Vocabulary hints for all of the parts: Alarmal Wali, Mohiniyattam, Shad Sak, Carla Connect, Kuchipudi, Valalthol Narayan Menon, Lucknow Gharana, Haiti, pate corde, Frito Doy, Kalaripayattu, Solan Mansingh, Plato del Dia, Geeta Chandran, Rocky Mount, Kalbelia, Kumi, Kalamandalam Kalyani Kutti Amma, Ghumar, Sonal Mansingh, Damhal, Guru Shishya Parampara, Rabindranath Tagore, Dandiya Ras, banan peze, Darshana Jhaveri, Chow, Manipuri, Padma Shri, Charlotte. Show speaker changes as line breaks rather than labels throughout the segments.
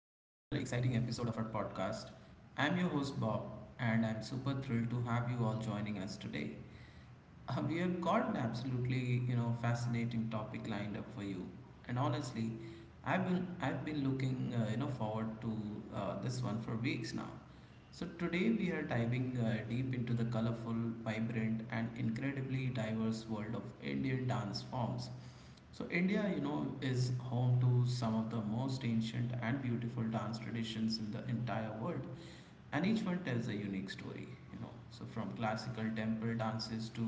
exciting episode of our podcast. I'm your host Bob, and I'm super thrilled to have you all joining us today. We have got an absolutely fascinating topic lined up for you, and honestly, I've been looking forward to this one for weeks now. So today we are diving deep into the colorful, vibrant, and incredibly diverse world of Indian dance forms. So India, you know, is home to some of the most ancient and beautiful dance traditions in the entire world, and each one tells a unique story. So from classical temple dances to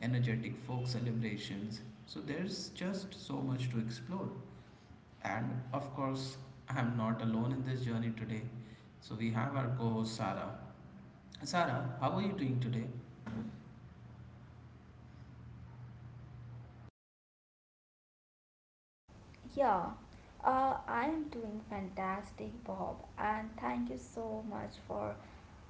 energetic folk celebrations. So there's just so much to explore. And of course, I'm not alone in this journey today. So we have our co-host Sarah. Sarah, how are you doing today?
Yeah, I am doing fantastic, Bob, and thank you so much for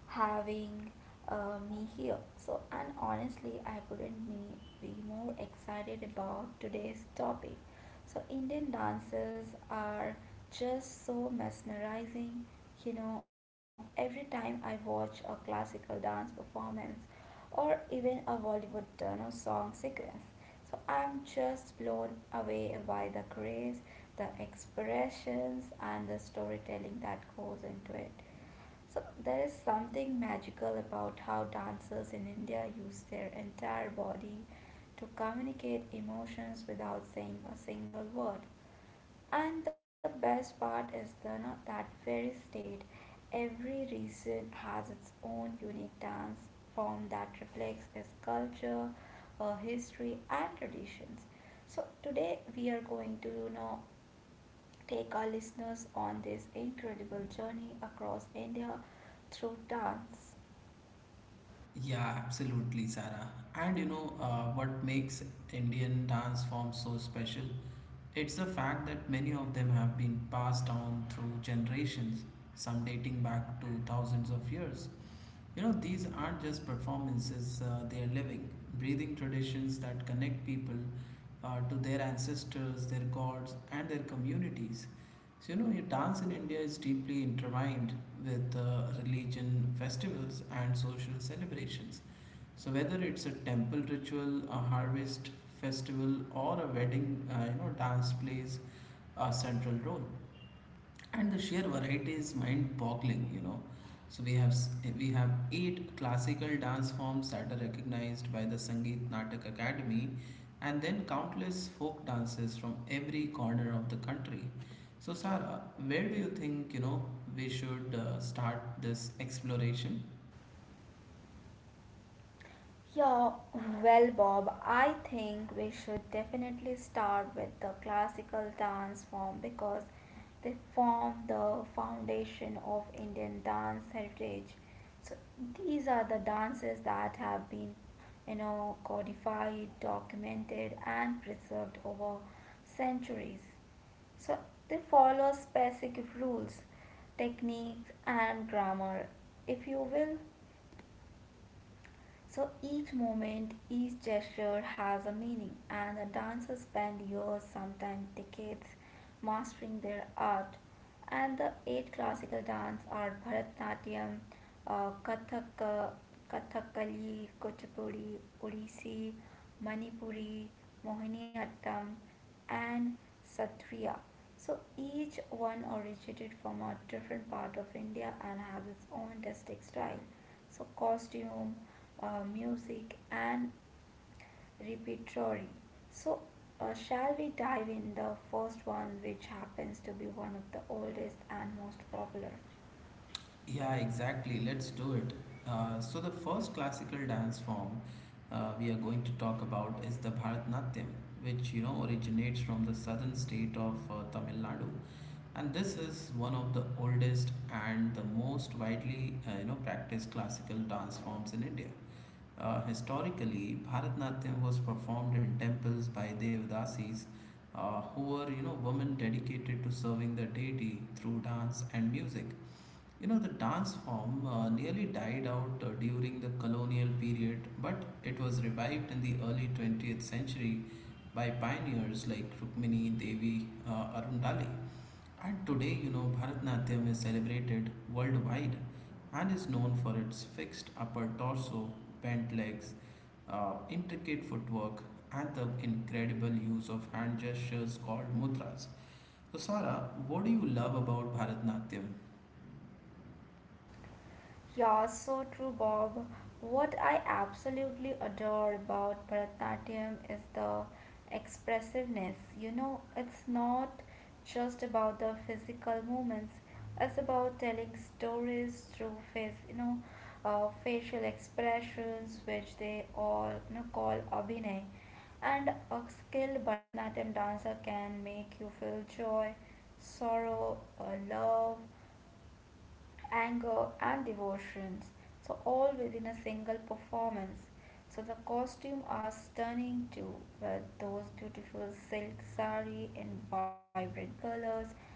having me here. And honestly, I couldn't be more excited about today's topic. So, Indian dances are just so mesmerizing. You know, every time I watch a classical dance performance or even a Bollywood turn or song sequence, so I'm just blown away by the grace, the expressions, and the storytelling that goes into it. So there is something magical about how dancers in India use their entire body to communicate emotions without saying a single word. And the best part is the no, that very state. Every region has its own unique dance form that reflects its culture, history, and traditions. So today we are going to take our listeners on this incredible journey across India through dance.
Yeah, absolutely, Sarah. And what makes Indian dance forms so special? It's the fact that many of them have been passed down through generations, some dating back to thousands of years. You know, these aren't just performances, they are living, breathing traditions that connect people to their ancestors, their gods, and their communities. So, you know, your dance in India is deeply intertwined with religion, festivals, and social celebrations. So whether it's a temple ritual, a harvest festival, or a wedding, you know, dance plays a central role, and the sheer variety is mind-boggling. You know, so we have eight classical dance forms that are recognized by the Sangeet Natak Academy, and then countless folk dances from every corner of the country. So Sara, where do you think we should start this exploration?
Yeah, well, Bob, I think we should definitely start with the classical dance form because they form the foundation of Indian dance heritage. So these are the dances that have been, codified, documented, and preserved over centuries. So they follow specific rules, techniques, and grammar, if you will. So each moment, each gesture has a meaning, and the dancers spend years, sometimes decades, mastering their art. And the eight classical dance are Bharatanatyam, Kathak, Kathakali, Kuchipudi, Odissi, Manipuri, Mohiniyattam, and Satriya. So each one originated from a different part of India and has its own distinct style so costume, music, and repertory. So, shall we dive in the first one, which happens to be one of the oldest and most popular?
Yeah, exactly. Let's do it. So, the first classical dance form we are going to talk about is the Bharatanatyam, which originates from the southern state of Tamil Nadu, and this is one of the oldest and the most widely practiced classical dance forms in India. Historically, Bharatanatyam was performed in temples by Devadasis, who were women dedicated to serving the deity through dance and music. You know, the dance form nearly died out during the colonial period, but it was revived in the early 20th century by pioneers like Rukmini Devi Arundale. And today, you know, Bharatnatyam is celebrated worldwide and is known for its fixed upper torso, bent legs, intricate footwork, and the incredible use of hand gestures called mudras. So, Sara, what do you love about Bharatnatyam?
Yeah, so true, Bob. What I absolutely adore about Bharatanatyam is the expressiveness. You know, it's not just about the physical movements, it's about telling stories through face, facial expressions, which they all call abhinay. And a skilled Bharatanatyam dancer can make you feel joy, sorrow, or love anger, and devotions, so all within a single performance. So the costume are stunning too, with those beautiful silk sari in vibrant colors,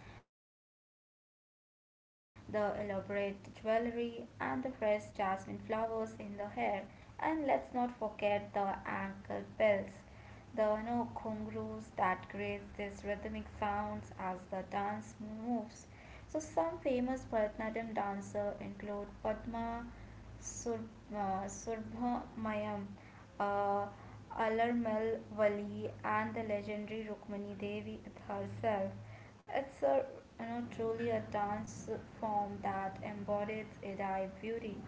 the elaborate jewelry, and the fresh jasmine flowers in the hair. And let's not forget the ankle bells, the ghungroos that create these rhythmic sounds as the dance moves. So some famous Bharatanatyam dancers include Sur- Subbaramayam, uh, Alarmal Wali, and the legendary Rukmini Devi herself. It's a truly a dance form that embodies Adi beauty.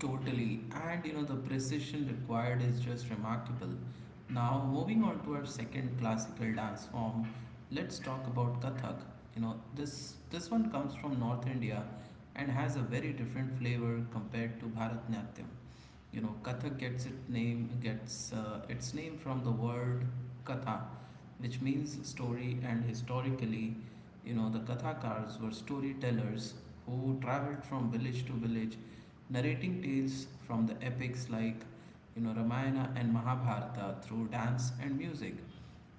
Totally, and you know, the precision required is just remarkable. Now, moving on to our second classical dance form, let's talk about Kathak. You know, this one comes from North India and has a very different flavor compared to Bharatanatyam. You know, Kathak gets its name from the word katha, which means story. And historically, you know, the kathakars were storytellers who traveled from village to village, narrating tales from the epics like Ramayana and Mahabharata through dance and music.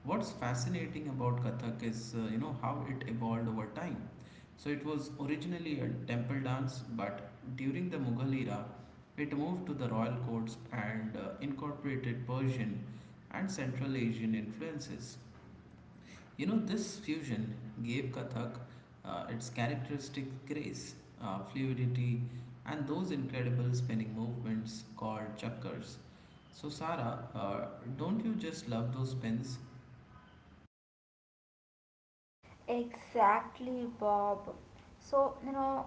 What's fascinating about Kathak is, how it evolved over time. So it was originally a temple dance, but during the Mughal era, it moved to the royal courts and incorporated Persian and Central Asian influences. You know, this fusion gave Kathak its characteristic grace, fluidity, and those incredible spinning movements called chakkars. So, Sara, don't you just love those spins?
Exactly, Bob. So, you know,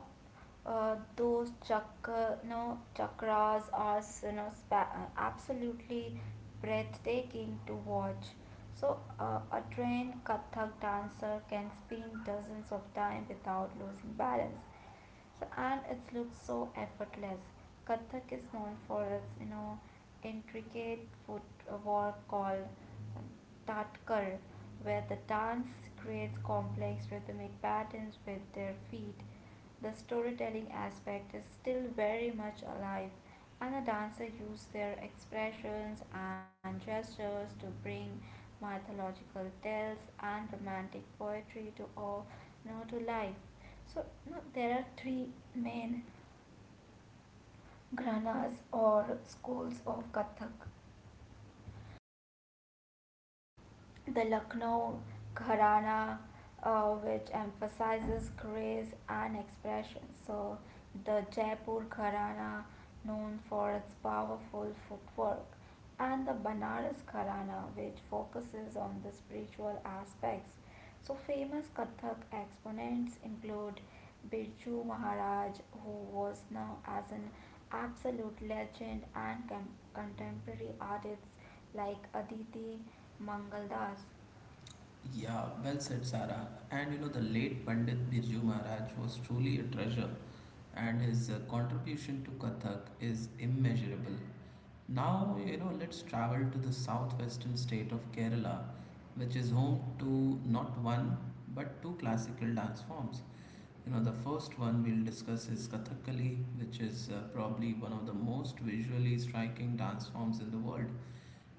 those chakra, you know, Chakras are, absolutely breathtaking to watch. A trained Kathak dancer can spin dozens of times without losing balance. And it looks so effortless. Kathak is known for its, intricate footwork called Tatkar, where the dance creates complex rhythmic patterns with their feet. The storytelling aspect is still very much alive, and the dancers use their expressions and gestures to bring mythological tales and romantic poetry to all, to life. So you know, there are three main granas or schools of Kathak. The Lucknow Gharana, which emphasizes grace and expression. So, the Jaipur Gharana, known for its powerful footwork, and the Banaras Gharana, which focuses on the spiritual aspects. So, famous Kathak exponents include Birju Maharaj, who was known as an absolute legend, and contemporary artists like Aditi Mangaldas.
Yeah, well said, Sara. And you know, the late Pandit Birju Maharaj was truly a treasure, and his contribution to Kathak is immeasurable. Now, you know, let's travel to the southwestern state of Kerala, which is home to not one but two classical dance forms. You know, the first one we'll discuss is Kathakali, which is probably one of the most visually striking dance forms in the world.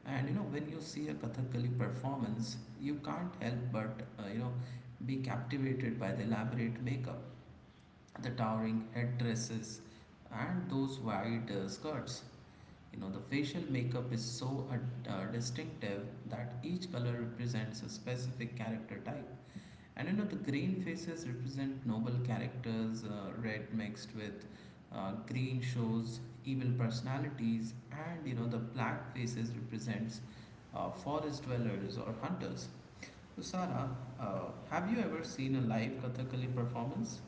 And you know, when you see a Kathakali performance, you can't help but uh, you know be captivated by the elaborate makeup, the towering headdresses, and those wide skirts. You know, the facial makeup is so distinctive that each color represents a specific character type. And you know, the green faces represent noble characters, red mixed with green shows evil personalities, and you know, the black faces represents forest dwellers or hunters. So, Sara, have you ever seen a live Kathakali performance?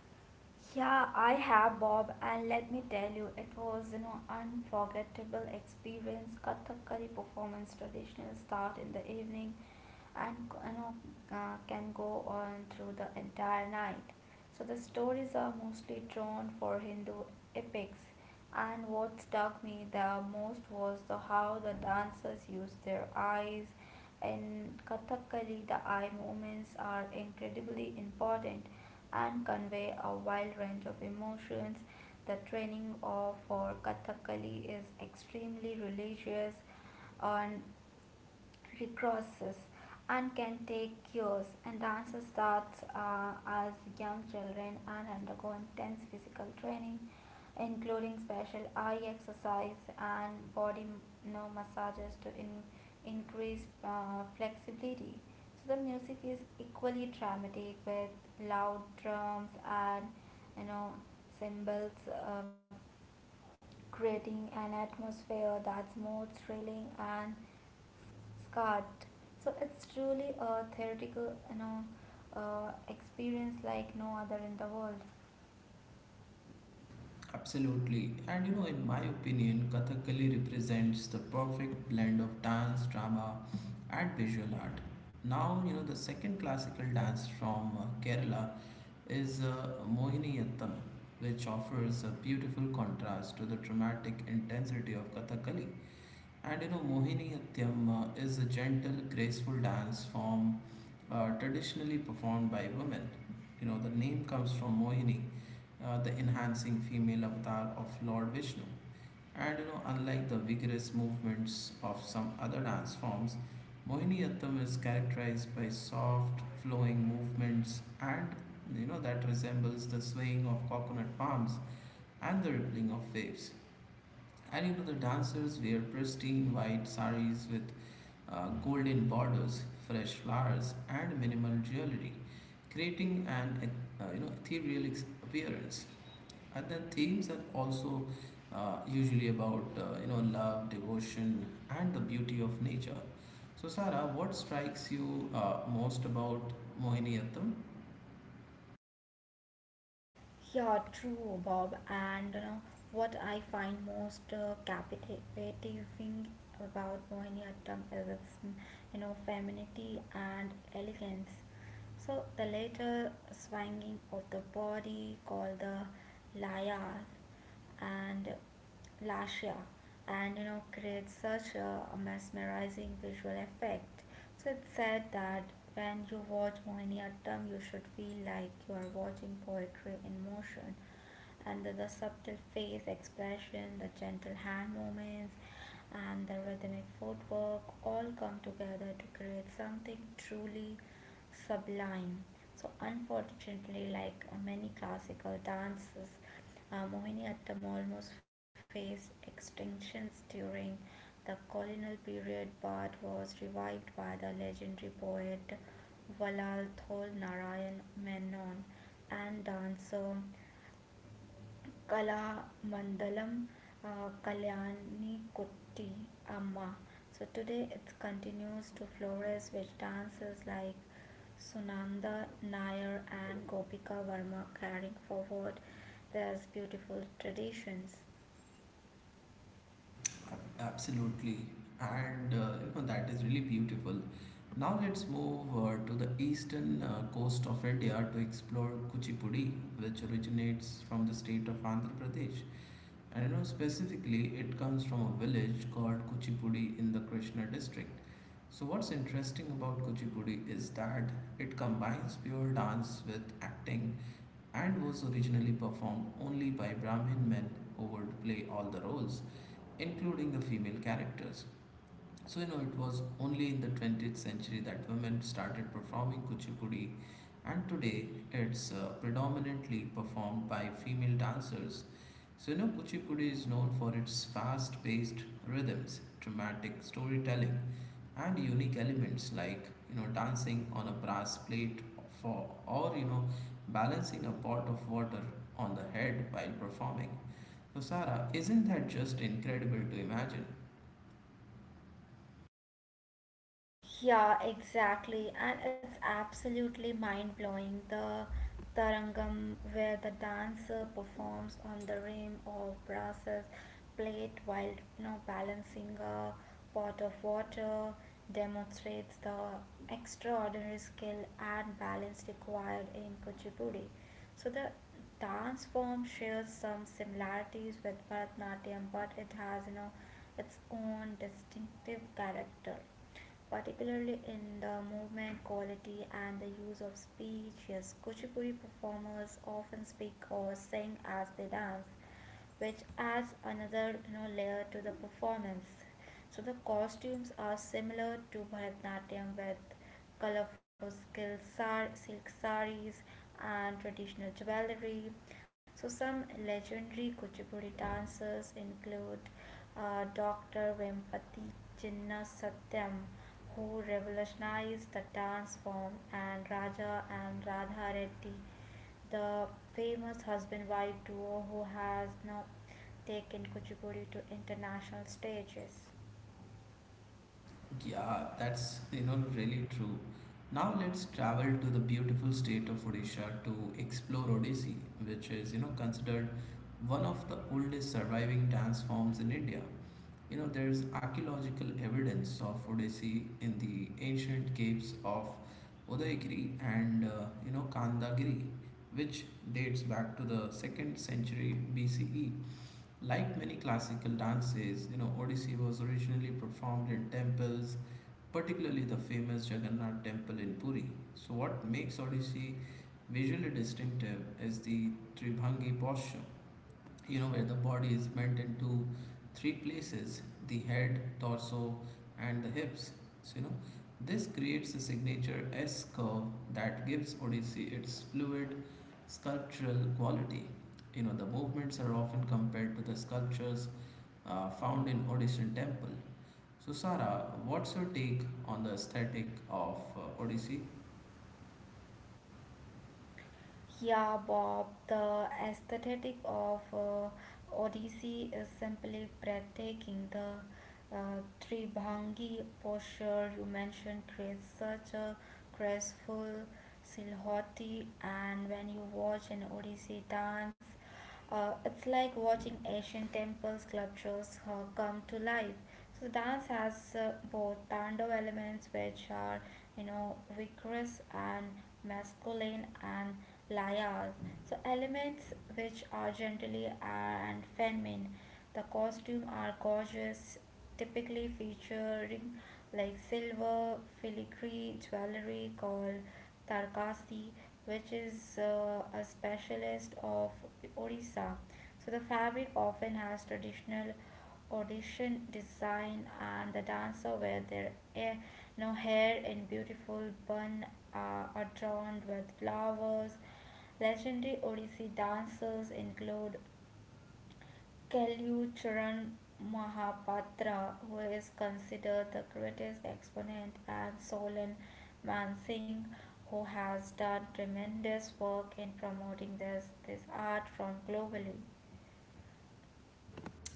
Yeah, I have Bob, and let me tell you, it was an unforgettable experience. Kathakali performance traditional start in the evening and you know, can go on through the entire night. So the stories are mostly drawn for Hindu epics, and what struck me the most was the how the dancers use their eyes. In Kathakali, the eye movements are incredibly important and convey a wide range of emotions. The training of for Kathakali is extremely religious and recrosses and can take years and dances starts as young children and undergo intense physical training including special eye exercise and body massages to increase flexibility so the music is equally dramatic with loud drums and you know cymbals creating an atmosphere that's more thrilling and scarred. So it's truly a theoretical, experience like no other in the world.
Absolutely. And you know, in my opinion, Kathakali represents the perfect blend of dance, drama, and visual art. Now, you know, the second classical dance from Kerala is Mohiniyattam, which offers a beautiful contrast to the dramatic intensity of Kathakali. And you know, Mohiniyattam is a gentle, graceful dance form traditionally performed by women. You know, the name comes from Mohini, the enhancing female avatar of Lord Vishnu. And you know, unlike the vigorous movements of some other dance forms, Mohiniyattam is characterized by soft, flowing movements and that resembles the swaying of coconut palms and the rippling of waves. And you know, the dancers wear pristine white saris with golden borders, fresh flowers, and minimal jewelry, creating an ethereal appearance, and the themes are also usually about love, devotion, and the beauty of nature. So Sarah, what strikes you most about Mohiniyattam?
Yeah, true, Bob. And you know, what I find most captivating about Mohiniyattam is its you know femininity and elegance. So the later swinging of the body called the layar and Lascia and you know creates such a mesmerizing visual effect. So it's said that when you watch Mohiniyattam you should feel like you are watching poetry in motion and the subtle face expression, the gentle hand movements and the rhythmic footwork all come together to create something truly sublime. So unfortunately like many classical dances Mohiniyattam almost faced extinctions during the colonial period but was revived by the legendary poet Valalthol Narayan Menon and dancer Kalamandalam Kalyani Kutti Amma. So today it continues to flourish with dances like Sunanda Nair and Gopika Varma carrying forward these beautiful traditions.
Absolutely, and you know, that is really beautiful. Now let's move to the eastern coast of India to explore Kuchipudi, which originates from the state of Andhra Pradesh. And you know specifically, it comes from a village called Kuchipudi in the Krishna district. So what's interesting about Kuchipudi is that it combines pure dance with acting and was originally performed only by Brahmin men who would play all the roles including the female characters. So, you know, it was only in the 20th century that women started performing kuchipudi, and today it's predominantly performed by female dancers. So, you know, kuchipudi is known for its fast paced rhythms, dramatic storytelling, and unique elements like, you know, dancing on a brass plate for, or, you know, balancing a pot of water on the head while performing. So, Sarah, isn't that just incredible to imagine?
Yeah, exactly. And it's absolutely mind blowing. The Tarangam, where the dancer performs on the rim of brass plate while balancing a pot of water, demonstrates the extraordinary skill and balance required in Kuchipudi. So the dance form shares some similarities with Bharatanatyam, but it has its own distinctive character particularly in the movement quality and the use of speech. Yes, Kuchipudi performers often speak or sing as they dance, which adds another layer to the performance. So the costumes are similar to Bharatanatyam with colorful silk saris and traditional jewelry. So some legendary Kuchipudi dancers include Dr. Vempati Chinna who revolutionized the dance form, and Raja and Radha Reddy, the famous husband-wife duo who has now taken Kuchipudi to international stages.
Yeah, that's really true. Now let's travel to the beautiful state of Odisha to explore Odissi, which is considered one of the oldest surviving dance forms in India. You know there's archaeological evidence of Odissi in the ancient caves of Udayagiri and Kandagiri, which dates back to the second century BCE. Like many classical dances, you know Odissi was originally performed in temples, particularly the famous Jagannath temple in Puri. So, what makes Odissi visually distinctive is the Tribhangi posture, you know, where the body is bent into three places: the head, torso, and the hips. So, you know, this creates a signature S curve that gives Odissi its fluid sculptural quality. You know, the movements are often compared to the sculptures found in Odyssean temple. So, Sara, what's your take on the aesthetic of Odyssey?
Yeah, Bob, the aesthetic of Odyssey is simply breathtaking. The Tribhangi posture you mentioned creates such a graceful silhouette, and when you watch an Odyssey dance, it's like watching ancient temple sculptures come to life. So dance has both tandav elements, which are vigorous and masculine, and layas, so elements which are generally and feminine. The costume are gorgeous, typically featuring like silver filigree jewelry called tarkasi, which is a specialist of Orissa. So the fabric often has traditional audition design and the dancer wear their eh, no hair in beautiful bun adorned with flowers. Legendary Odissi dancers include Kellu Mahapatra, who is considered the greatest exponent, and Solan Mansingh, who has done tremendous work in promoting this art from globally.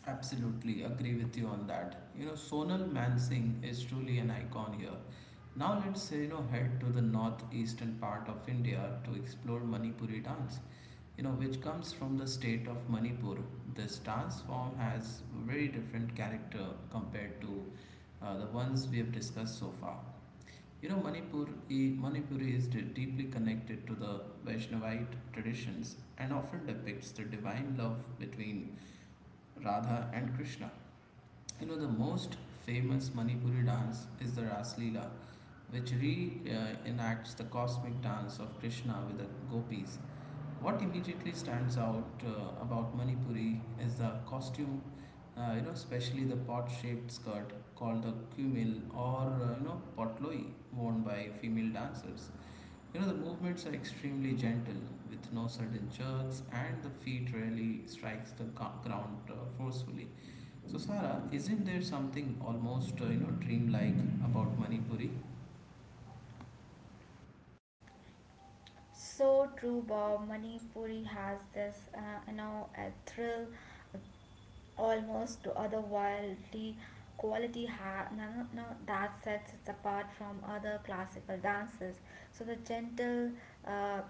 Absolutely agree with you on that. You know, Sonal Mansingh is truly an icon here. Now let's head to the northeastern part of India to explore Manipuri dance, you know, which comes from the state of Manipur. This dance form has very different character compared to the ones we have discussed so far. You know, Manipur is deeply connected to the Vaishnavite traditions and often depicts the divine love between Radha and Krishna. You know, the most famous Manipuri dance is the Ras Leela, which re-enacts the cosmic dance of Krishna with the gopis. What immediately stands out about Manipuri is the costume, you know, especially the pot-shaped skirt called the kumil or potloi worn by female dancers. You know, the movements are extremely gentle, with no sudden jerks, and the feet rarely strikes the ground forcefully. So, Sarah, isn't there something almost dreamlike about Manipuri?
So true, Bob. Manipuri has you know, a thrill almost to other wildly quality ha- No, no, that sets it apart from other classical dances. So uh,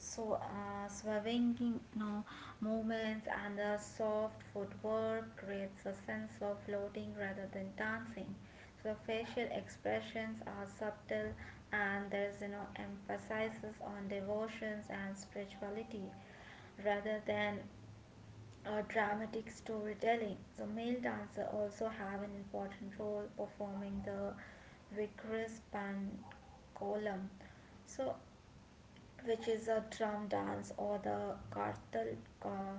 swerving no movements and the soft footwork creates a sense of floating rather than dancing. So facial expressions are subtle and there is you know emphasis on devotions and spirituality rather than dramatic storytelling. So male dancer also have an important role performing the vigorous pan column. So which is a drum dance or the kartal uh,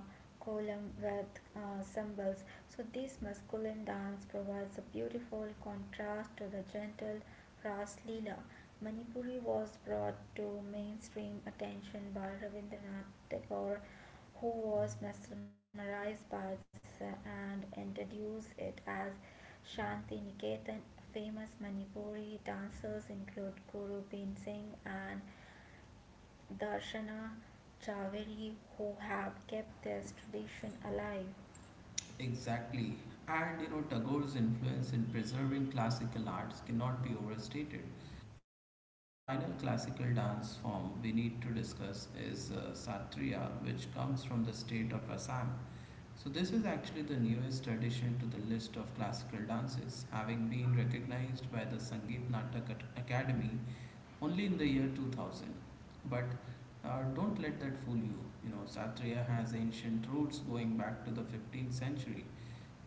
column with cymbals. So this masculine dance provides a beautiful contrast to the gentle Ras Leela. Manipuri was brought to mainstream attention by Rabindranath Tagore who was mesmerized by it and introduced it as Shanti Niketan. Famous Manipuri dancers include Guru Bin Singh and Darshana Jhaveri who have kept this tradition alive.
Exactly. And you know, Tagore's influence in preserving classical arts cannot be overstated. Now, you know, the final classical dance form we need to discuss is Satriya, which comes from the state of Assam. So, this is actually the newest addition to the list of classical dances, having been recognized by the Sangeet Natak Academy only in the year 2000. But don't let that fool you. You know, Satriya has ancient roots going back to the 15th century.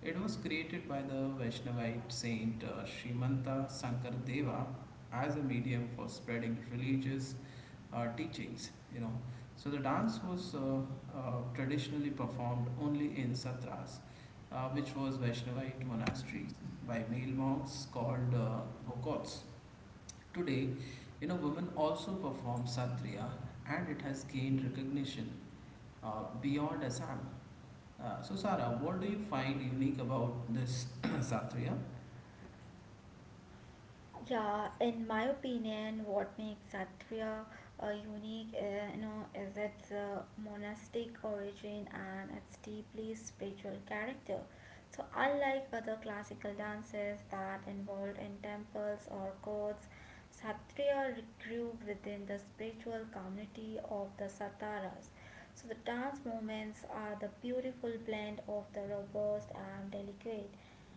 It was created by the Vaishnavite saint Srimanta Sankara Deva as a medium for spreading religious teachings, you know. So the dance was traditionally performed only in satras, which was Vaishnavite monasteries, by male monks called bhokkots. Today, women also perform satriya and it has gained recognition beyond Assam. So, Sara, what do you find unique about this satriya?
Yeah, in my opinion, what makes Satya unique, you know, is its monastic origin and its deeply spiritual character. So, unlike other classical dances that involved in temples or courts, Satya grew within the spiritual community of the Sataras. So, the dance movements are the beautiful blend of the robust and delicate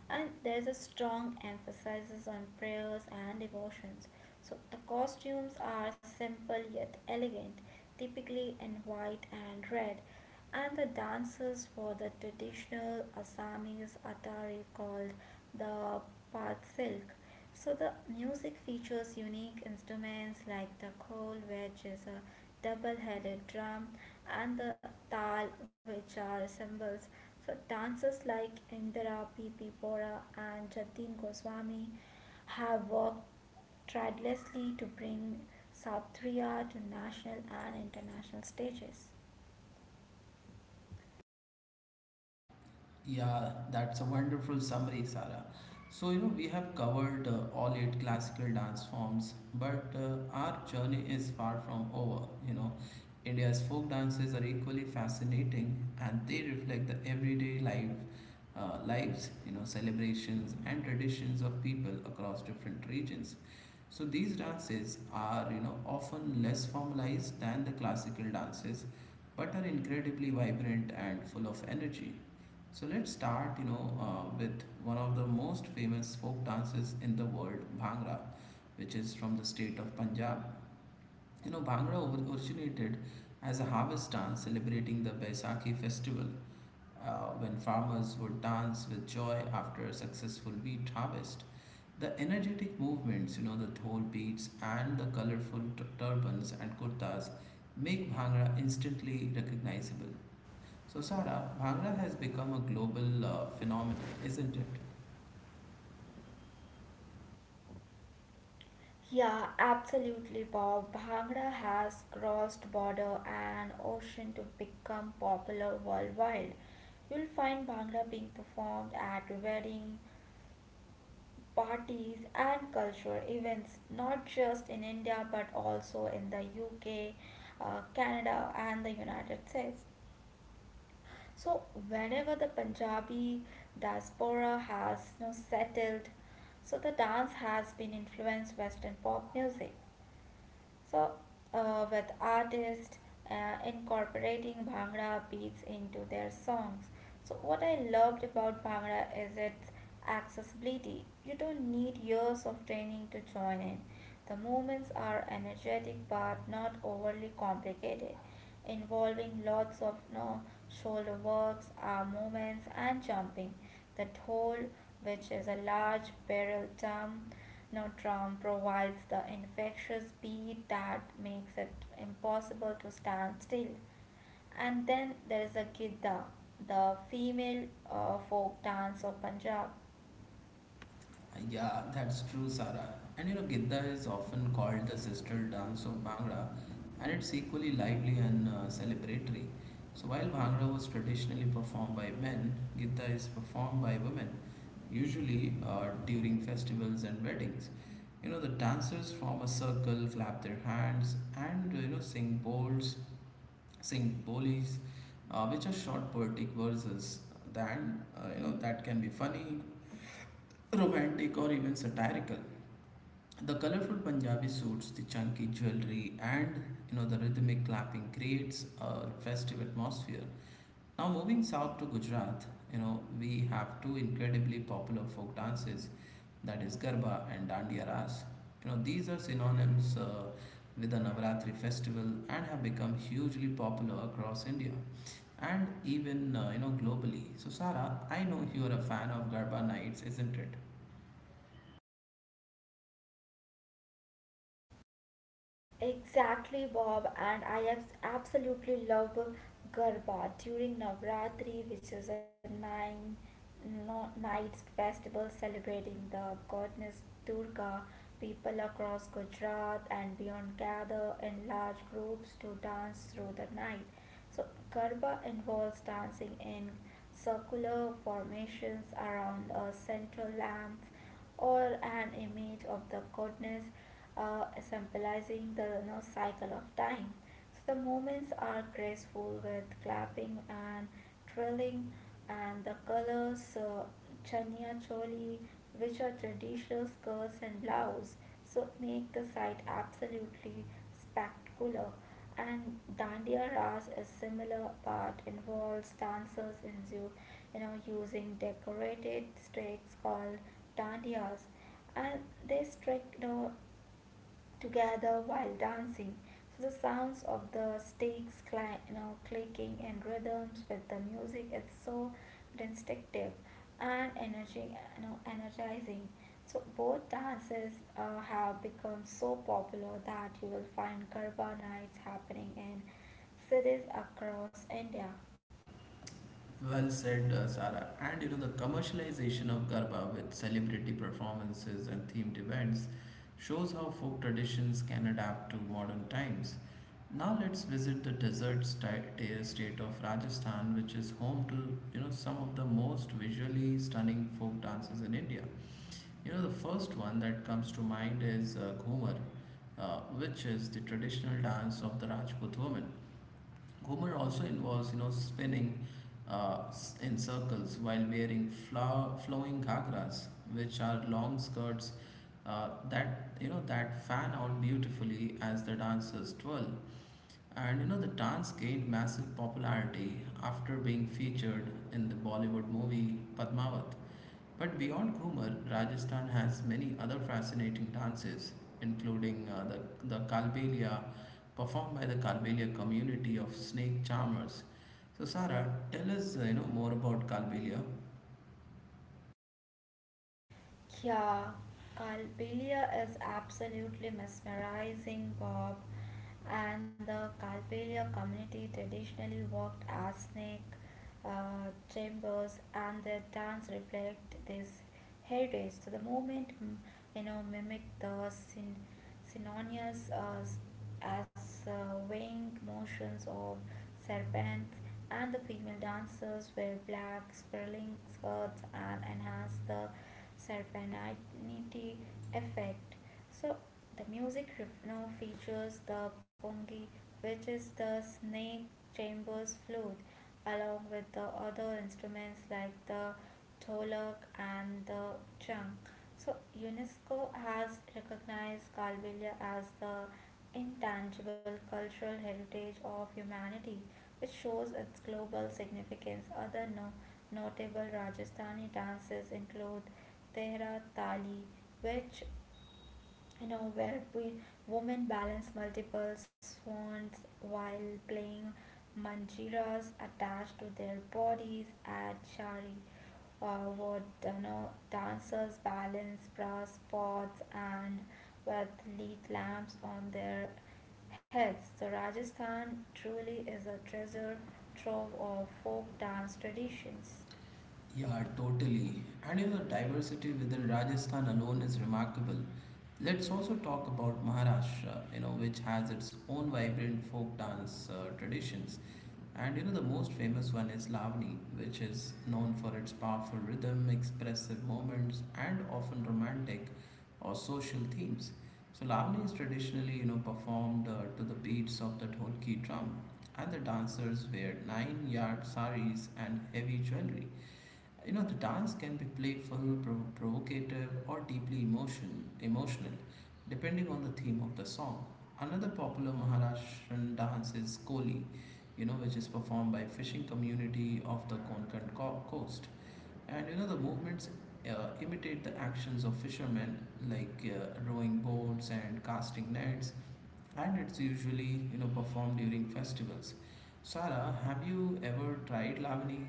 and there's a strong emphasis on prayers and devotions. So the costumes are simple yet elegant, typically in white and red, and the dances for the traditional Assamese attari called the Patsilk. So the music features unique instruments like the khol, which is a double-headed drum, and the tal, which are cymbals. So dancers like Indira P. P. Bora and Jatin Goswami have worked tirelessly to bring Satriya to national and international stages.
Yeah, that's a wonderful summary, Sarah. So, we have covered all eight classical dance forms, but our journey is far from over. You know, India's folk dances are equally fascinating and they reflect the everyday lives, celebrations and traditions of people across different regions. So, these dances are, often less formalized than the classical dances, but are incredibly vibrant and full of energy. So let's start, with one of the most famous folk dances in the world, Bhangra, which is from the state of Punjab. You know, originated as a harvest dance celebrating the Baisakhi festival, when farmers would dance with joy after a successful wheat harvest. The energetic movements, you know, the dhol beats and the colorful turbans and kurtas make Bhangra instantly recognizable. So, Sara, Bhangra has become a global phenomenon, isn't it?
Yeah, absolutely, Bob. Bhangra has crossed border and ocean to become popular worldwide. You'll find Bhangra being performed at wedding parties and cultural events, not just in India but also in the UK, Canada, and the United States. So, whenever the Punjabi diaspora has settled, so the dance has been influenced Western pop music. So, with artists incorporating Bhangra beats into their songs. So, what I loved about Bhangra is its accessibility. You don't need years of training to join in. The movements are energetic but not overly complicated involving lots of no shoulder works, arm movements, and jumping. The hole, which is a large barrel drum, no drum provides the infectious beat that makes it impossible to stand still. And then there is a gidda, the female folk dance of Punjab.
Yeah, that's true, Sara. And you know, Gidda is often called the sister dance of Bhangra, and it's equally lively and celebratory. So, while Bhangra was traditionally performed by men, Gidda is performed by women, usually during festivals and weddings. You know, the dancers form a circle, clap their hands, and sing bowls singbolis, which are short poetic verses that you know that can be funny, romantic, or even satirical. The colorful Punjabi suits, the chunky jewelry, and you know the rhythmic clapping creates a festive atmosphere. Now moving south to Gujarat, you know we have two incredibly popular folk dances, that is Garba and Dandiya Ras. You know, these are synonyms with the Navaratri festival and have become hugely popular across India and even you know globally. So Sara, I know you are a fan of Garba nights, isn't it?
Exactly, Bob, and I absolutely love Garba during Navratri, which is a nine no, nights festival celebrating the goddess Durga. People across Gujarat and beyond gather in large groups to dance through the night. So Garba involves dancing in circular formations around a central lamp or an image of the goddess, symbolizing the cycle of time. So the movements are graceful with clapping and twirling, and the colors, chania choli, which are traditional skirts and blouse, so make the site absolutely spectacular. And dandiya ras, a similar part, involves dancers in you, you know using decorated sticks called dandiyas, and they strike, together while dancing. So the sounds of the sticks, clicking and rhythms with the music, is so instinctive and energizing. So both dances have become so popular that you will find Garba nights happening in cities across India.
Well said, Sara. And you know, the commercialization of Garba with celebrity performances and themed events shows how folk traditions can adapt to modern times. Now let's visit the desert state of Rajasthan, which is home to you know some of the most visually stunning folk dances in India. You know, the first one that comes to mind is Ghumar, which is the traditional dance of the Rajput woman. Homer also involves, spinning in circles while wearing flowing ghagras, which are long skirts that you know that fan out beautifully as the dancers twirl. And you know, the dance gained massive popularity after being featured in the Bollywood movie Padmavat. But beyond Ghumar, Rajasthan has many other fascinating dances, including the Kalbelia, performed by the Kalbelia community of snake charmers. So, Sarah, tell us, more about Kalbelia.
Yeah, Calpella is absolutely mesmerizing, Bob. And the Calpella community traditionally worked as snake chambers, and their dance reflect this heritage. So the movement, mimic the scene synonymous as weighing motions of serpents, and the female dancers wear black spiraling skirts and enhance the serpentinity effect. So the music now features the pongi, which is the snake chamber's flute, along with the other instruments like the tolak and the chang. So UNESCO has recognized Kalbelia as the intangible cultural heritage of humanity, which shows its global significance. Other notable Rajasthani dances include Tehra Tali, which, you know where we women balance multiple swans while playing manjiras attached to their bodies, at shari, dancers balance brass pots and with lead lamps on their heads. So Rajasthan truly is a treasure trove of folk dance traditions.
Yeah, totally. And you know, diversity within Rajasthan alone is remarkable. Let's also talk about Maharashtra, you know, which has its own vibrant folk dance traditions. And you know, the most famous one is Lavani, which is known for its powerful rhythm, expressive moments, and often romantic or social themes. So, Lavani is traditionally, performed to the beats of the dholki drum, and the dancers wear nine-yard saris and heavy jewelry. You know, the dance can be playful, provocative, or deeply emotional, depending on the theme of the song. Another popular Maharashtrian dance is Koli, you know, which is performed by fishing community of the Konkan coast. And you know, the movements uh, imitate the actions of fishermen, like rowing boats and casting nets. And it's usually, performed during festivals. Sara, have you ever tried Lavani?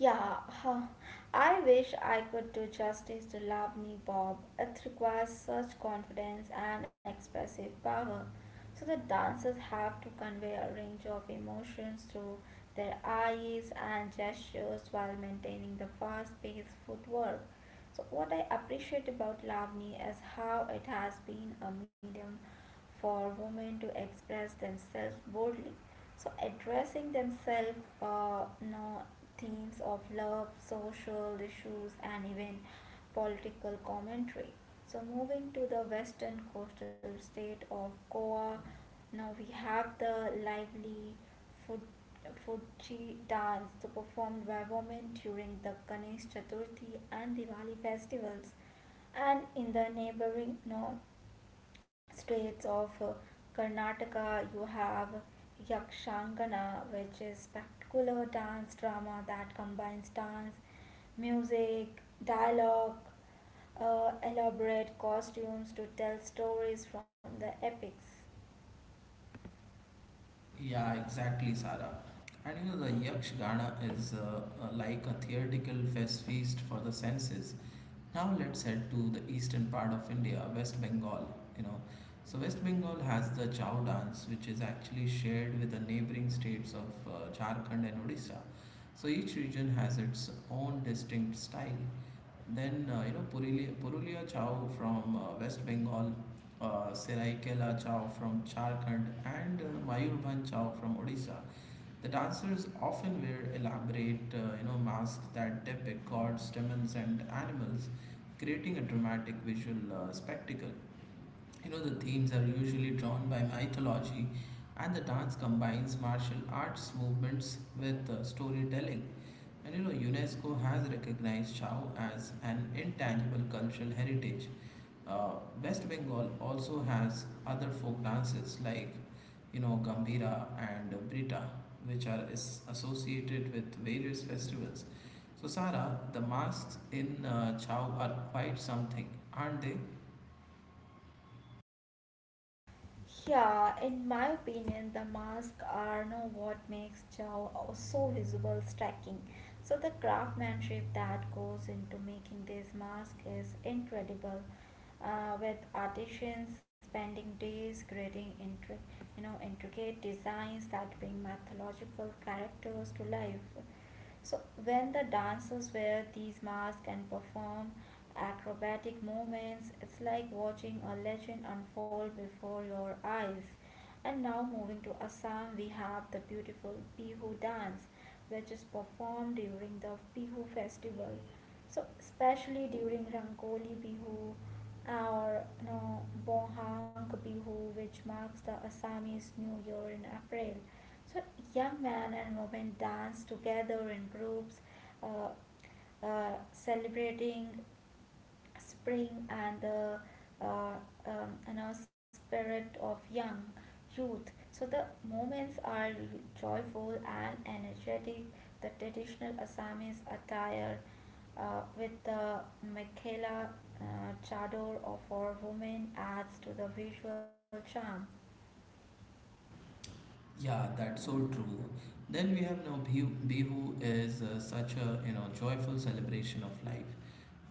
Yeah, huh. I wish I could do justice to Labni, Bob. It requires such confidence and expressive power. So the dancers have to convey a range of emotions through their eyes and gestures while maintaining the fast-paced footwork. So what I appreciate about Lavni is how it has been a medium for women to express themselves boldly, so addressing themselves no, themes of love, social issues, and even political commentary. So moving to the western coastal state of Goa, now we have the lively Fuji dance, so performed by women during the Ganesh Chaturthi and Diwali festivals. And in the neighboring north states of, Karnataka, you have Yakshangana, which is spectacular dance drama that combines dance, music, dialogue, elaborate costumes to tell stories from the epics.
Yeah, exactly, Sarah. And you know, the Yakshagana is like a theatrical fest feast for the senses. Now let's head to the eastern part of India, West Bengal. You know, so West Bengal has the Chow dance, which is actually shared with the neighboring states of Jharkhand and Odisha. So each region has its own distinct style. Then, Purulia Chow from West Bengal, Seraikela Chow from Jharkhand, and Mayurbhan Chow from Odisha. The dancers often wear elaborate, masks that depict gods, demons, and animals, creating a dramatic visual spectacle. You know, the themes are usually drawn by mythology, and the dance combines martial arts movements with storytelling. And you know, UNESCO has recognized Chao as an intangible cultural heritage. Uh, West Bengal also has other folk dances like, Gambira and Brita, which are is associated with various festivals. So, Sara, the masks in Chao are quite something, aren't they?
Yeah, in my opinion, the masks are now what makes Chow so visible, striking. So the craftsmanship that goes into making this mask is incredible. With artisans spending days creating intricate designs that bring mythological characters to life. So when the dancers wear these masks and perform acrobatic movements, it's like watching a legend unfold before your eyes. And now moving to Assam, we have the beautiful Bihu dance, which is performed during the Bihu festival. So especially during Rangoli Bihu, or Bohang Bihu, which marks the Assamese New Year in April. So young men and women dance together in groups, uh, celebrating spring and the uh, spirit of young youth. So the moments are joyful and energetic. The traditional Assamese attire, with the Mekhela chador of our women, adds to the visual charm.
Yeah, that's so true. Then we have now Bihu. Bihu is such a you know joyful celebration of life.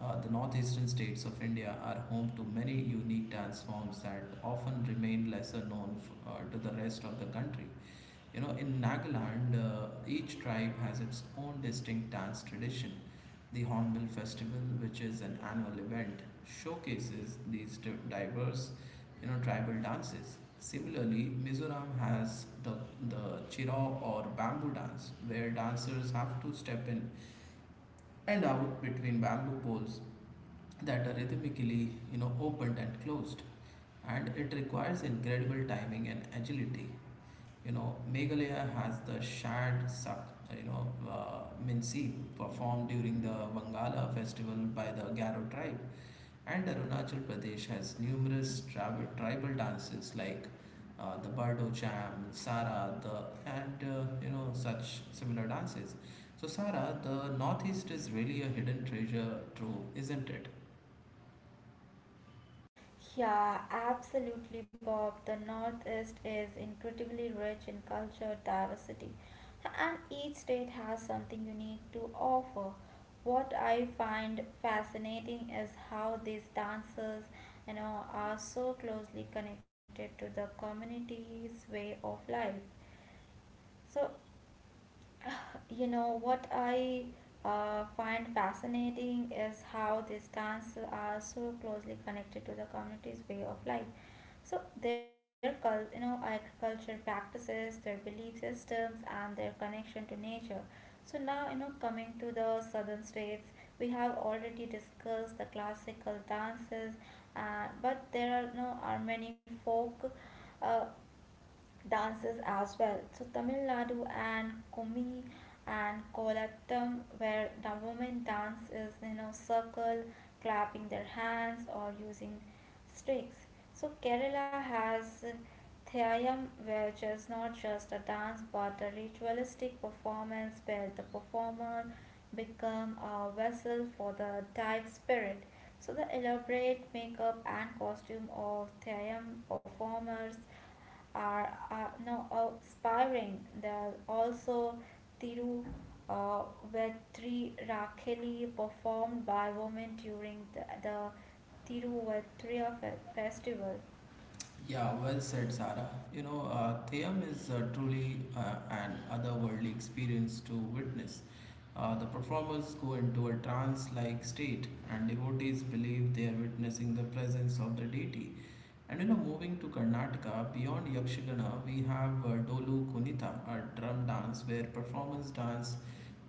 The northeastern states of India are home to many unique dance forms that often remain lesser known to the rest of the country. You know, in Nagaland, each tribe has its own distinct dance tradition. The Hornbill Festival, which is an annual event, showcases these diverse, tribal dances. Similarly, Mizoram has the chirao or bamboo dance, where dancers have to step in and out between bamboo poles that are rhythmically, opened and closed, and it requires incredible timing and agility. You know, Meghalaya has the Shad Sak, Minsi performed during the Bangala festival by the Garo tribe. And Arunachal Pradesh has numerous tribal dances like the Bardo Jam, Sara, the, and such similar dances. So, Sara, the Northeast is really a hidden treasure trove, isn't it?
Yeah, absolutely, Bob. The Northeast is incredibly rich in culture diversity, and each state has something unique to offer. What I find fascinating is how these dancers, are so closely connected to the community's way of life. So You know, what I find fascinating is how these dance are so closely connected to the community's way of life. So their agriculture practices, their belief systems, and their connection to nature. So now, coming to the southern states, we have already discussed the classical dances, and but there are many folk uh, dances as well. So Tamil Nadu and Kumi and Kolattam, where the women dance is, circle, clapping their hands or using sticks. So Kerala has Thayam, which is not just a dance but a ritualistic performance where the performer become a vessel for the dive spirit. So the elaborate makeup and costume of Thayam performers are now aspiring. There are also Tiru, uh, Vetri Rakeli, performed by women during the Thiruvatria festival.
Yeah, well said, Sarah. You know, Thayam is truly an otherworldly experience to witness. The performers go into a trance like state, and devotees believe they are witnessing the presence of the deity. And you know, moving to Karnataka, beyond Yakshagana, we have Dolu Kunitha, a drum dance where performers dance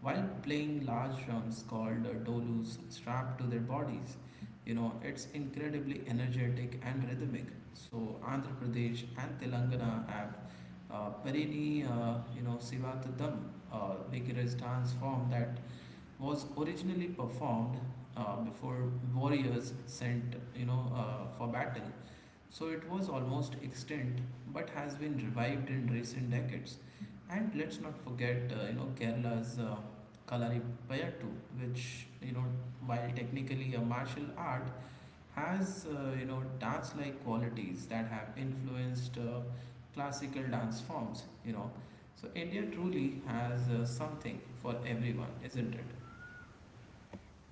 while playing large drums called dolus strapped to their bodies. You know, it's incredibly energetic and rhythmic. So Andhra Pradesh and Telangana have Parini, Sivatadam, a vigorous dance form that was originally performed before warriors sent, for battle. So it was almost extinct, but has been revived in recent decades. And let's not forget, Kerala's Kalaripayattu, which, while technically a martial art, has you know dance-like qualities that have influenced classical dance forms. You know, so India truly has something for everyone, isn't it?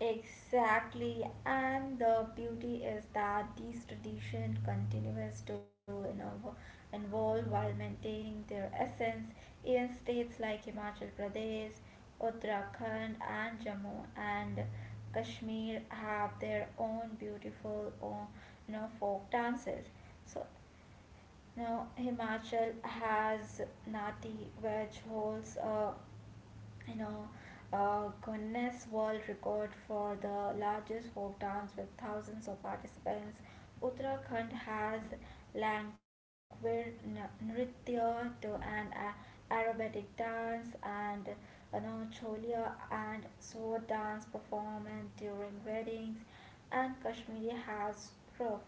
Exactly, and the beauty is that these tradition evolve while maintaining their essence. Even states like Himachal Pradesh, Uttarakhand, and Jammu and Kashmir have their own beautiful, folk dances. So, Himachal has Nati, which holds a, you know, Guinness World Record for the largest folk dance with thousands of participants. Uttarakhand has Nritya, aerobatic dance, and, Cholia and sword dance performance during weddings. And Kashmiri has Roof,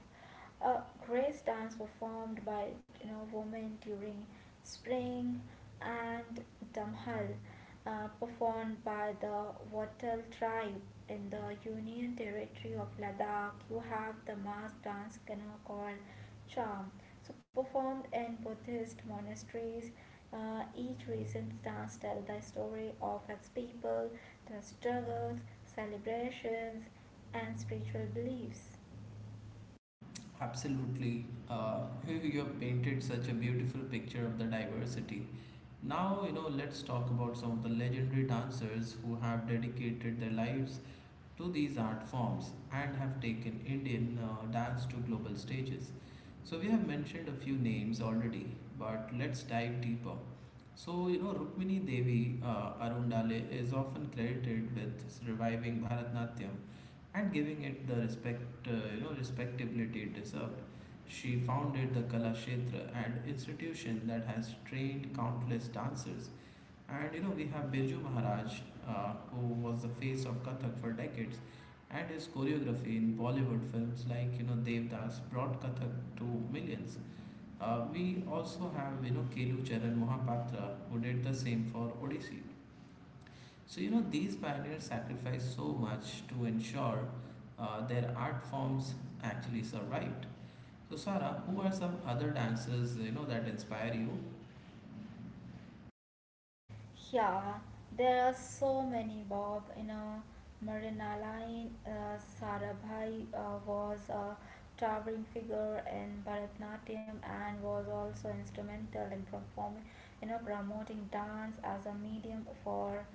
a grace dance performed by, women during spring, and damhal, performed by the Wattal tribe in the Union Territory of Ladakh. You have the mass dance, called Cham. So performed in Buddhist monasteries, each recent dance tells the story of its people, their struggles, celebrations, and spiritual beliefs.
Absolutely. You have painted such a beautiful picture of the diversity. Now, let's talk about some of the legendary dancers who have dedicated their lives to these art forms and have taken Indian dance to global stages. So we have mentioned a few names already, but let's dive deeper. So you know Rukmini Devi Arundale is often credited with reviving Bharatanatyam and giving it the respect respectability it deserved. She founded the Kala Kshetra, an institution that has trained countless dancers and you know, we have Birju Maharaj, who was the face of Kathak for decades, and his choreography in Bollywood films like you know Devdas brought Kathak to millions. We also have you know Kelu Charan Mohapatra, who did the same for Odissi. So you know these pioneers sacrificed so much to ensure their art forms actually survived. So Sarah, who are some other dancers you know that inspire you?
Yeah, there are so many, Bob. You know, Marinalain Sarabhai was a towering figure in Bharatanatyam and was also instrumental in performing, promoting dance as a medium for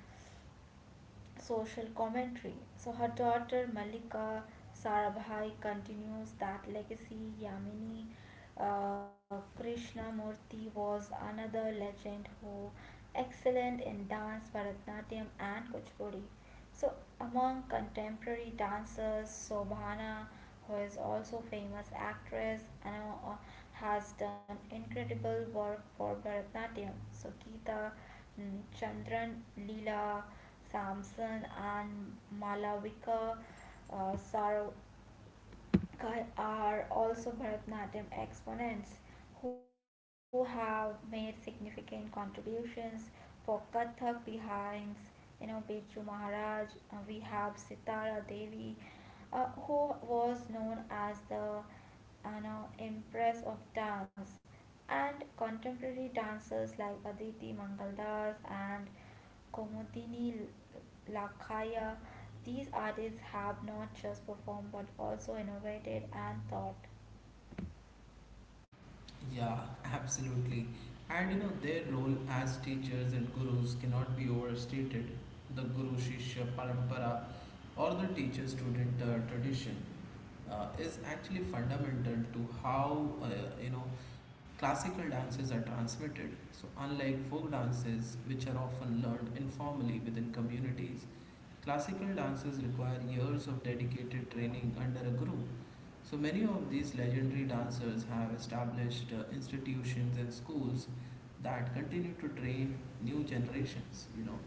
social commentary. So her daughter Malika Sarabhai continues that legacy. Yamini Krishnamurti was another legend who excellent in dance, Bharatanatyam and Kuchipudi. So among contemporary dancers, Sobhana, who is also famous actress and, uh, has done incredible work for Bharatanatyam. So Geeta Chandran, Leela, Samson, and Malavika, uh, Sar- are also Bharatanatyam exponents who have made significant contributions. For Kathak behinds, Birju Maharaj, we have Sitara Devi, who was known as the, Empress of Dance, and contemporary dancers like Aditi Mangaldas and Komodini Lakaya. These artists have not just performed but also innovated and thought.
Yeah, absolutely. And you know, their role as teachers and gurus cannot be overstated. The Guru Shishya Parampara or the teacher student tradition is actually fundamental to how you know classical dances are transmitted. So, unlike folk dances, which are often learned informally within communities, classical dances require years of dedicated training under a guru. So many of these legendary dancers have established institutions and schools that continue to train new generations, you know.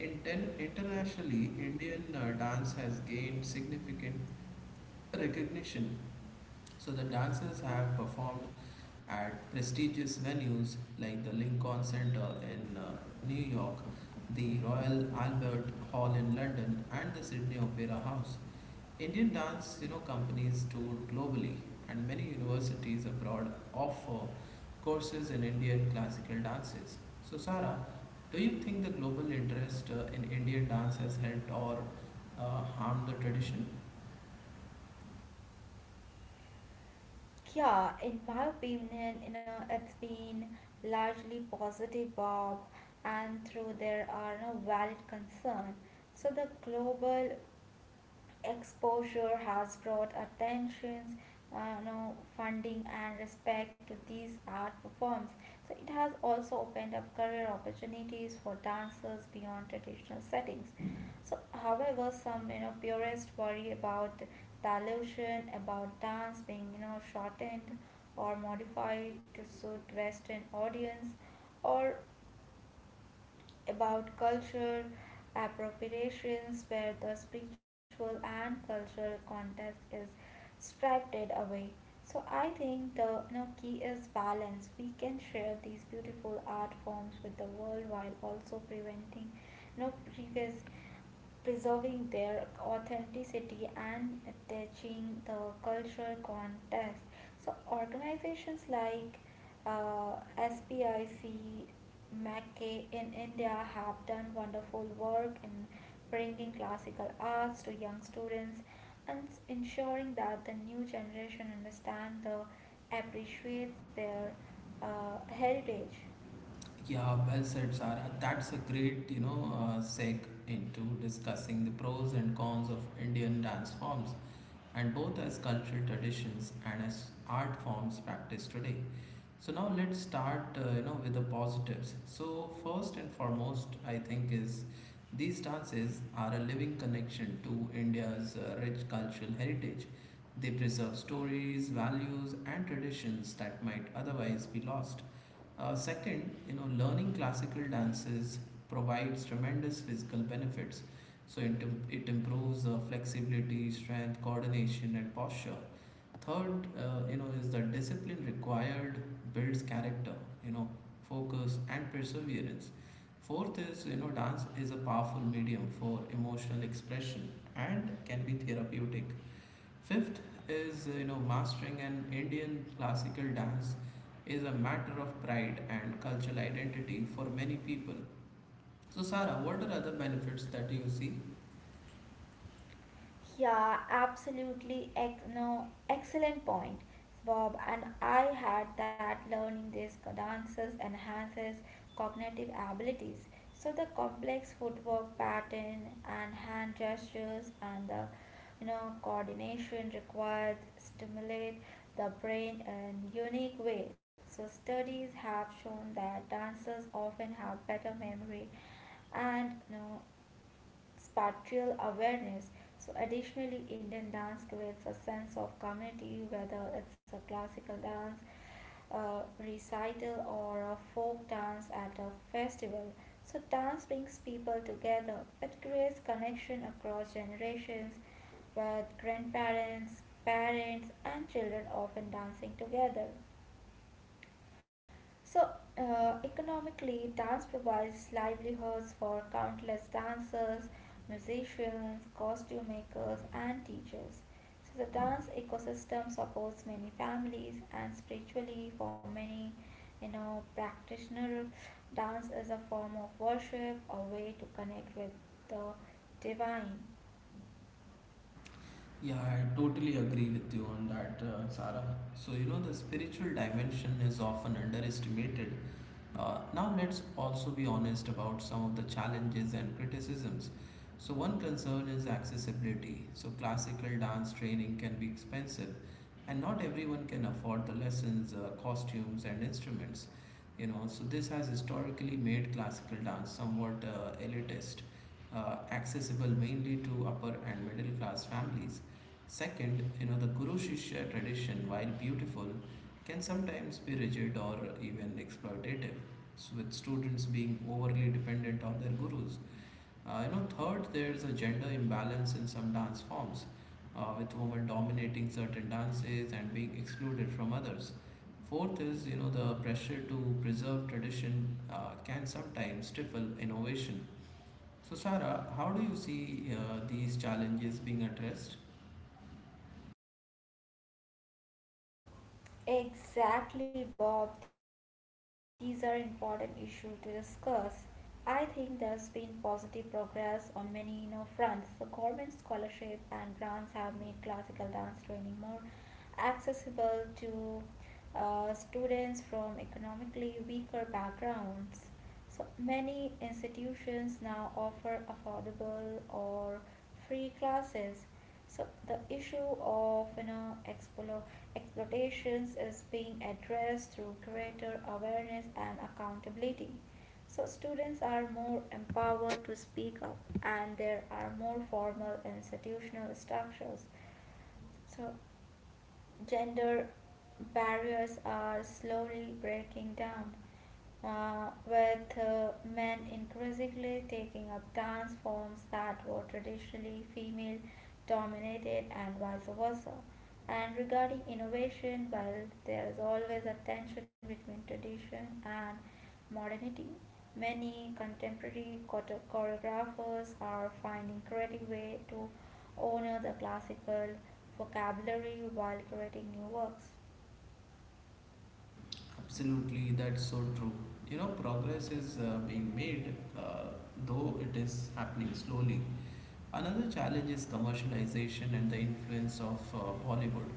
Internationally, Indian dance has gained significant recognition. So the dancers have performed at prestigious venues like the Lincoln Center in New York, the Royal Albert Hall in London, and the Sydney Opera House. Indian dance, you know, companies tour globally, and many universities abroad offer courses in Indian classical dances. So, Sara, do you think the global interest in Indian dance has helped or harmed the tradition?
Yeah, in my opinion, it's been largely positive, Bob, and through there are no valid concern. So the global exposure has brought attention, funding and respect to these art forms. So it has also opened up career opportunities for dancers beyond traditional settings. So, however, some, purists worry about dilution, about dance being, shortened or modified to suit Western audience, or about cultural appropriations where the spiritual and cultural context is stripped away. So I think the, key is balance. We can share these beautiful art forms with the world while also preventing, you know, previous preserving their authenticity and attaching the cultural context. So organizations like, SPIC, MACKE in India have done wonderful work in bringing classical arts to young students and ensuring that the new generation understand the appreciates their heritage.
Yeah, well said, Sara. That's a great, seg into discussing the pros and cons of Indian dance forms, and both as cultural traditions and as art forms practiced today. So now let's start, with the positives. So first and foremost, I think is these dances are a living connection to India's rich cultural heritage. They preserve stories, values, and traditions that might otherwise be lost. Second, learning classical dances provides tremendous physical benefits. So it, it improves flexibility, strength, coordination, and posture. Third, you know, is the discipline required builds character, you know, focus and perseverance. Fourth, dance is a powerful medium for emotional expression and can be therapeutic. Fifth, mastering an Indian classical dance is a matter of pride and cultural identity for many people. So, Sarah, what are other benefits that you see?
Yeah, absolutely. Ex- no, Excellent point, Bob. And I had that learning these dances enhances cognitive abilities. So the complex footwork pattern and hand gestures and the, coordination required stimulate the brain in unique way. So studies have shown that dancers often have better memory and, spatial awareness. So, additionally, Indian dance creates a sense of community, whether it's a classical dance recital or a folk dance at a festival. So, dance brings people together. It creates connection across generations, with grandparents, parents, and children often dancing together. So, economically, dance provides livelihoods for countless dancers, musicians, costume makers, and teachers. So the dance ecosystem supports many families, and spiritually, for many, practitioners, dance is a form of worship, a way to connect with the divine.
Yeah, I totally agree with you on that, Sarah. So, the spiritual dimension is often underestimated. Now, let's also be honest about some of the challenges and criticisms. So, one concern is accessibility. So, classical dance training can be expensive, and not everyone can afford the lessons, costumes, and instruments. So this has historically made classical dance somewhat elitist, accessible mainly to upper and middle class families. Second, the Guru Shishya tradition, while beautiful, can sometimes be rigid or even exploitative, so with students being overly dependent on their gurus. Third, there's a gender imbalance in some dance forms, with women dominating certain dances and being excluded from others. Fourth, the pressure to preserve tradition can sometimes stifle innovation. So, Sarah, how do you see these challenges being addressed?
Exactly, Bob. These are important issues to discuss. I think there's been positive progress on many, fronts. The government scholarship and grants have made classical dance training more accessible to, students from economically weaker backgrounds. So many institutions now offer affordable or free classes. So the issue of, exploitations is being addressed through greater awareness and accountability. So students are more empowered to speak up, and there are more formal institutional structures. So gender barriers are slowly breaking down, with men increasingly taking up dance forms that were traditionally female dominated, and vice versa. And regarding innovation, while there is always a tension between tradition and modernity, many contemporary choreographers are finding creative ways to honor the classical vocabulary while creating new works.
Absolutely, that's so true. You know, progress is being made, though it is happening slowly. Another challenge is commercialization and the influence of Bollywood.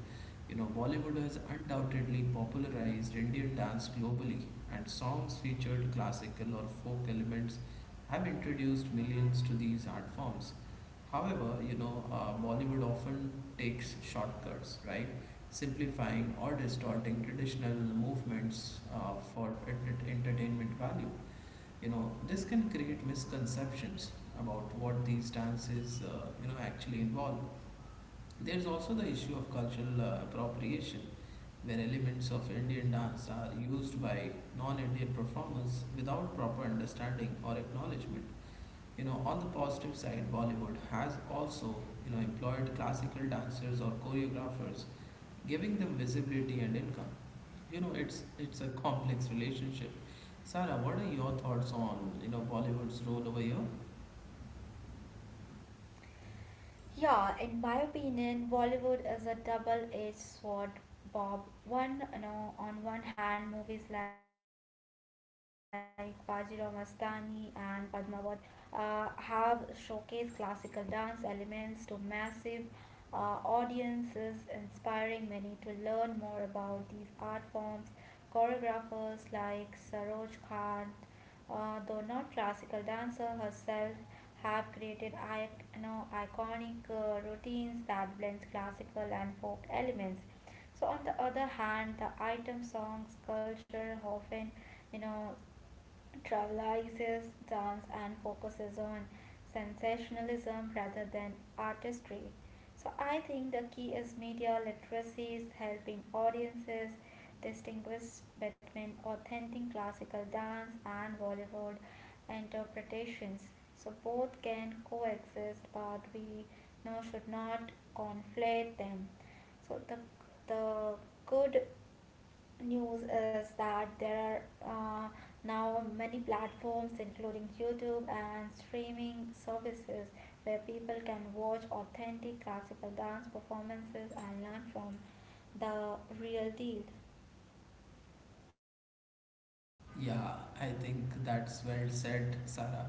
You know, Bollywood has undoubtedly popularized Indian dance globally, and songs featured classical or folk elements have introduced millions to these art forms. However, Bollywood often takes shortcuts, right? Simplifying or distorting traditional movements for entertainment value. You know, this can create misconceptions about what these dances, actually involve. There's also the issue of cultural appropriation, where elements of Indian dance are used by non-Indian performers without proper understanding or acknowledgement. You know, on the positive side, Bollywood has also, employed classical dancers or choreographers, giving them visibility and income. It's a complex relationship. Sarah, what are your thoughts on Bollywood's role over here?
Yeah, in my opinion, Bollywood is a double-edged sword, Bob. One, on one hand, movies like Bajirao Mastani and Padmavat have showcased classical dance elements to massive uh, audiences, inspiring many to learn more about these art forms. Choreographers like Saroj Khan, though not classical dancer herself, have created, iconic routines that blends classical and folk elements. So on the other hand, the item songs culture often, you know, trivializes dance and focuses on sensationalism rather than artistry. So I think the key is media literacy is helping audiences distinguish between authentic classical dance and Bollywood interpretations. So both can coexist, but we now should not conflate them. So the good news is that there are now many platforms including YouTube and streaming services where people can watch authentic classical dance performances and learn from the real deal.
Yeah, I think that's well said, Sarah.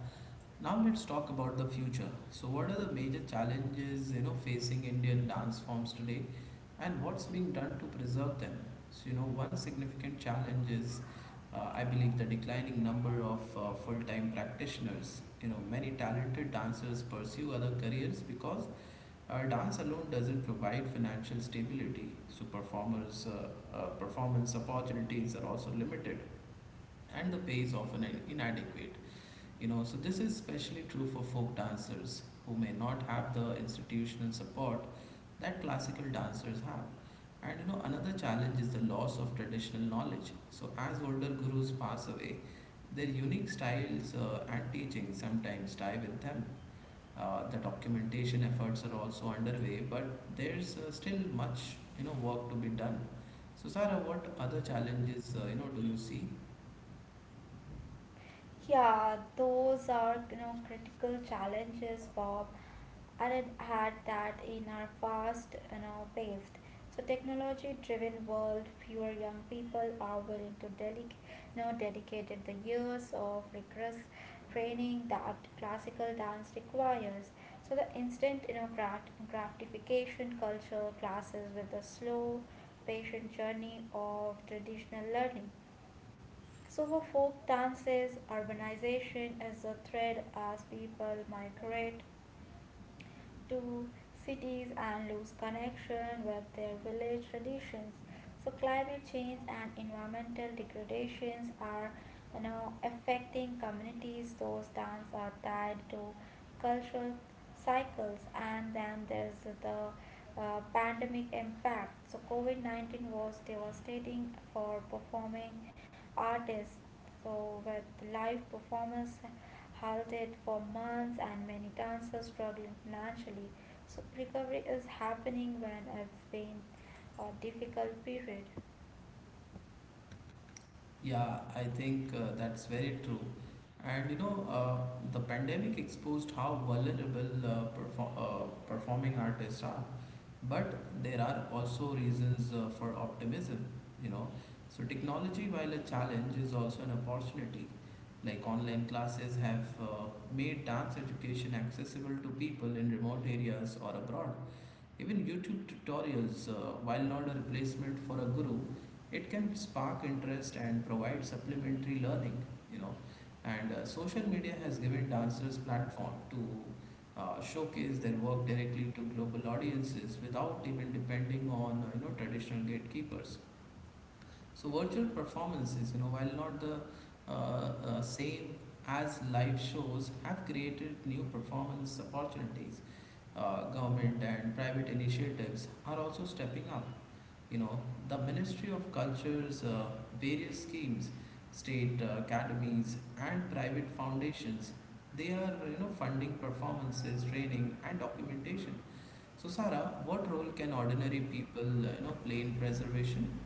Now let's talk about the future. So what are the major challenges, facing Indian dance forms today, and what's being done to preserve them? So, you know, one significant challenge is, I believe, the declining number of full-time practitioners. You know, many talented dancers pursue other careers because dance alone doesn't provide financial stability, so performers' performance opportunities are also limited, and the pay is often inadequate. You know, so this is especially true for folk dancers who may not have the institutional support that classical dancers have. And you know, another challenge is the loss of traditional knowledge. So as older gurus pass away, their unique styles and teachings sometimes die with them. The documentation efforts are also underway, but there's still much work to be done. So, Sarah, what other challenges do you see?
Yeah, those are, critical challenges, Bob. Aren't had that in our fast, you know, paced, so technology-driven world, fewer young people are willing to dedicate, dedicated the years of rigorous training that classical dance requires. So the instant, you know, gratification culture clashes with the slow, patient journey of traditional learning. So for folk dances, urbanization is a thread as people migrate to cities and lose connection with their village traditions. So climate change and environmental degradations are, affecting communities. Those dances are tied to cultural cycles, and then there's the pandemic impact. So COVID-19 was devastating for performing artists, so with live performance halted for months and many dancers struggling financially, so recovery is happening when it's been a difficult period.
Yeah, I think that's very true. And you know, the pandemic exposed how vulnerable performing artists are. But there are also reasons for optimism. You know, so technology, while a challenge, is also an opportunity. Like online classes have made dance education accessible to people in remote areas or abroad. Even YouTube tutorials, while not a replacement for a guru, it can spark interest and provide supplementary learning, you know. And social media has given dancers platform to showcase their work directly to global audiences without even depending on traditional gatekeepers. So virtual performances, you know, while not the same as live shows, have created new performance opportunities. Government and private initiatives are also stepping up. You know, the Ministry of Culture's various schemes, state academies, and private foundations, they are funding performances, training, and documentation. So, Sarah, what role can ordinary people play in preservation?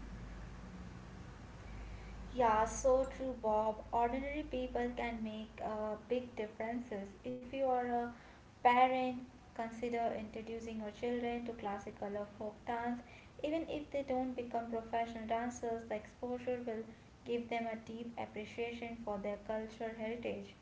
Yeah, so true, Bob. Ordinary people can make big differences. If you are a parent, consider introducing your children to classical or folk dance. Even if they don't become professional dancers, the exposure will give them a deep appreciation for their cultural heritage.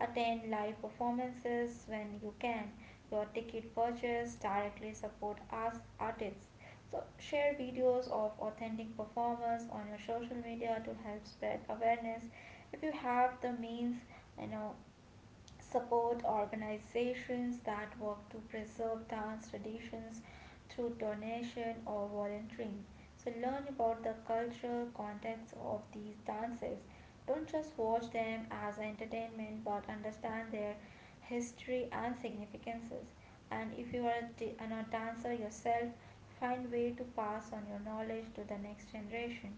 Attend live performances when you can. Your ticket purchase directly support us artists, so share videos of authentic performers on your social media to help spread awareness. If you have the means, you know, support organizations that work to preserve dance traditions through donation or volunteering. So learn about the cultural context of these dances. Don't just watch them as entertainment but understand their history and significances. And if you are a dancer yourself, find way to pass on your knowledge to the next generation.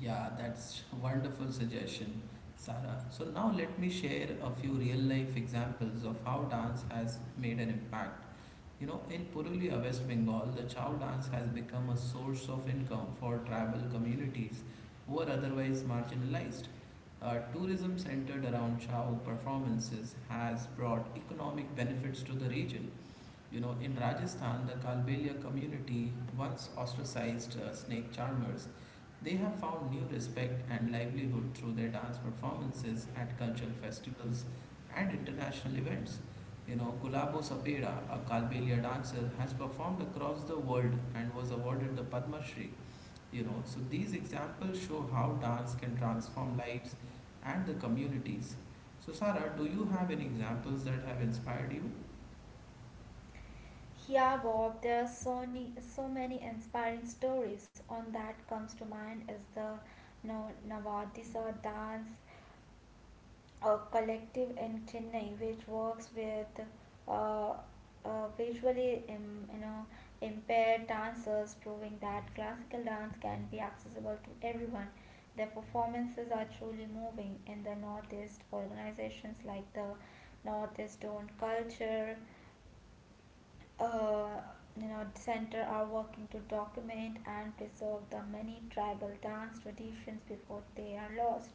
Yeah, that's wonderful suggestion, Sarah. So now let me share a few real life examples of how dance has made an impact. You know, in Purulia, West Bengal, the Chow dance has become a source of income for tribal communities who are otherwise marginalized. Tourism centered around Chow performances has brought economic benefits to the region. You know, in Rajasthan, the Kalbelia community, once ostracized snake charmers, they have found new respect and livelihood through their dance performances at cultural festivals and international events. You know, Gulabo Sapeda, a Kalbelia dancer, has performed across the world and was awarded the Padma Shri. You know, so these examples show how dance can transform lives and the communities. So, Sarah, do you have any examples that have inspired you?
Yeah, Bob, there are so, so many inspiring stories. On that comes to mind is the Navadisa dance collective in Chennai, which works with uh, visually impaired dancers, proving that classical dance can be accessible to everyone. Their performances are truly moving in the Northeast. Organizations like the Northeast Stone Culture uh, center are working to document and preserve the many tribal dance traditions before they are lost.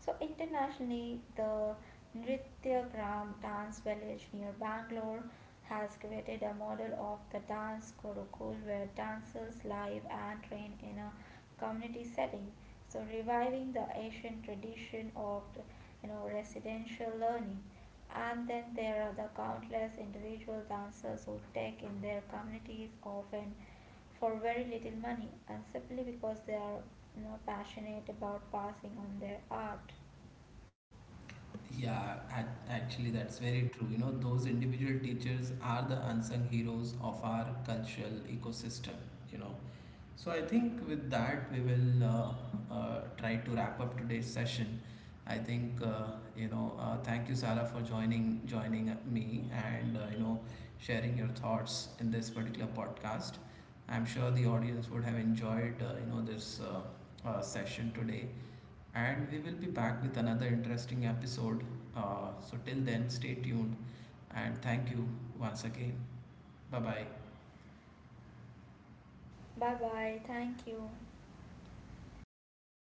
So internationally, the Nrityagram dance village near Bangalore has created a model of the dance gurukul where dancers live and train in a community setting, so reviving the ancient tradition of, residential learning. And then there are the countless individual dancers who take in their communities often for very little money and simply because they are, you know, passionate about passing on their art.
Yeah, actually, that's very true. You know, those individual teachers are the unsung heroes of our cultural ecosystem, you know. So, I think with that, we will try to wrap up today's session. I think, thank you, Sarah, for joining me, and, sharing your thoughts in this particular podcast. I'm sure the audience would have enjoyed, this session today. And we will be back with another interesting episode. So, till then, stay tuned and thank you once again. Bye bye.
Bye bye, thank you.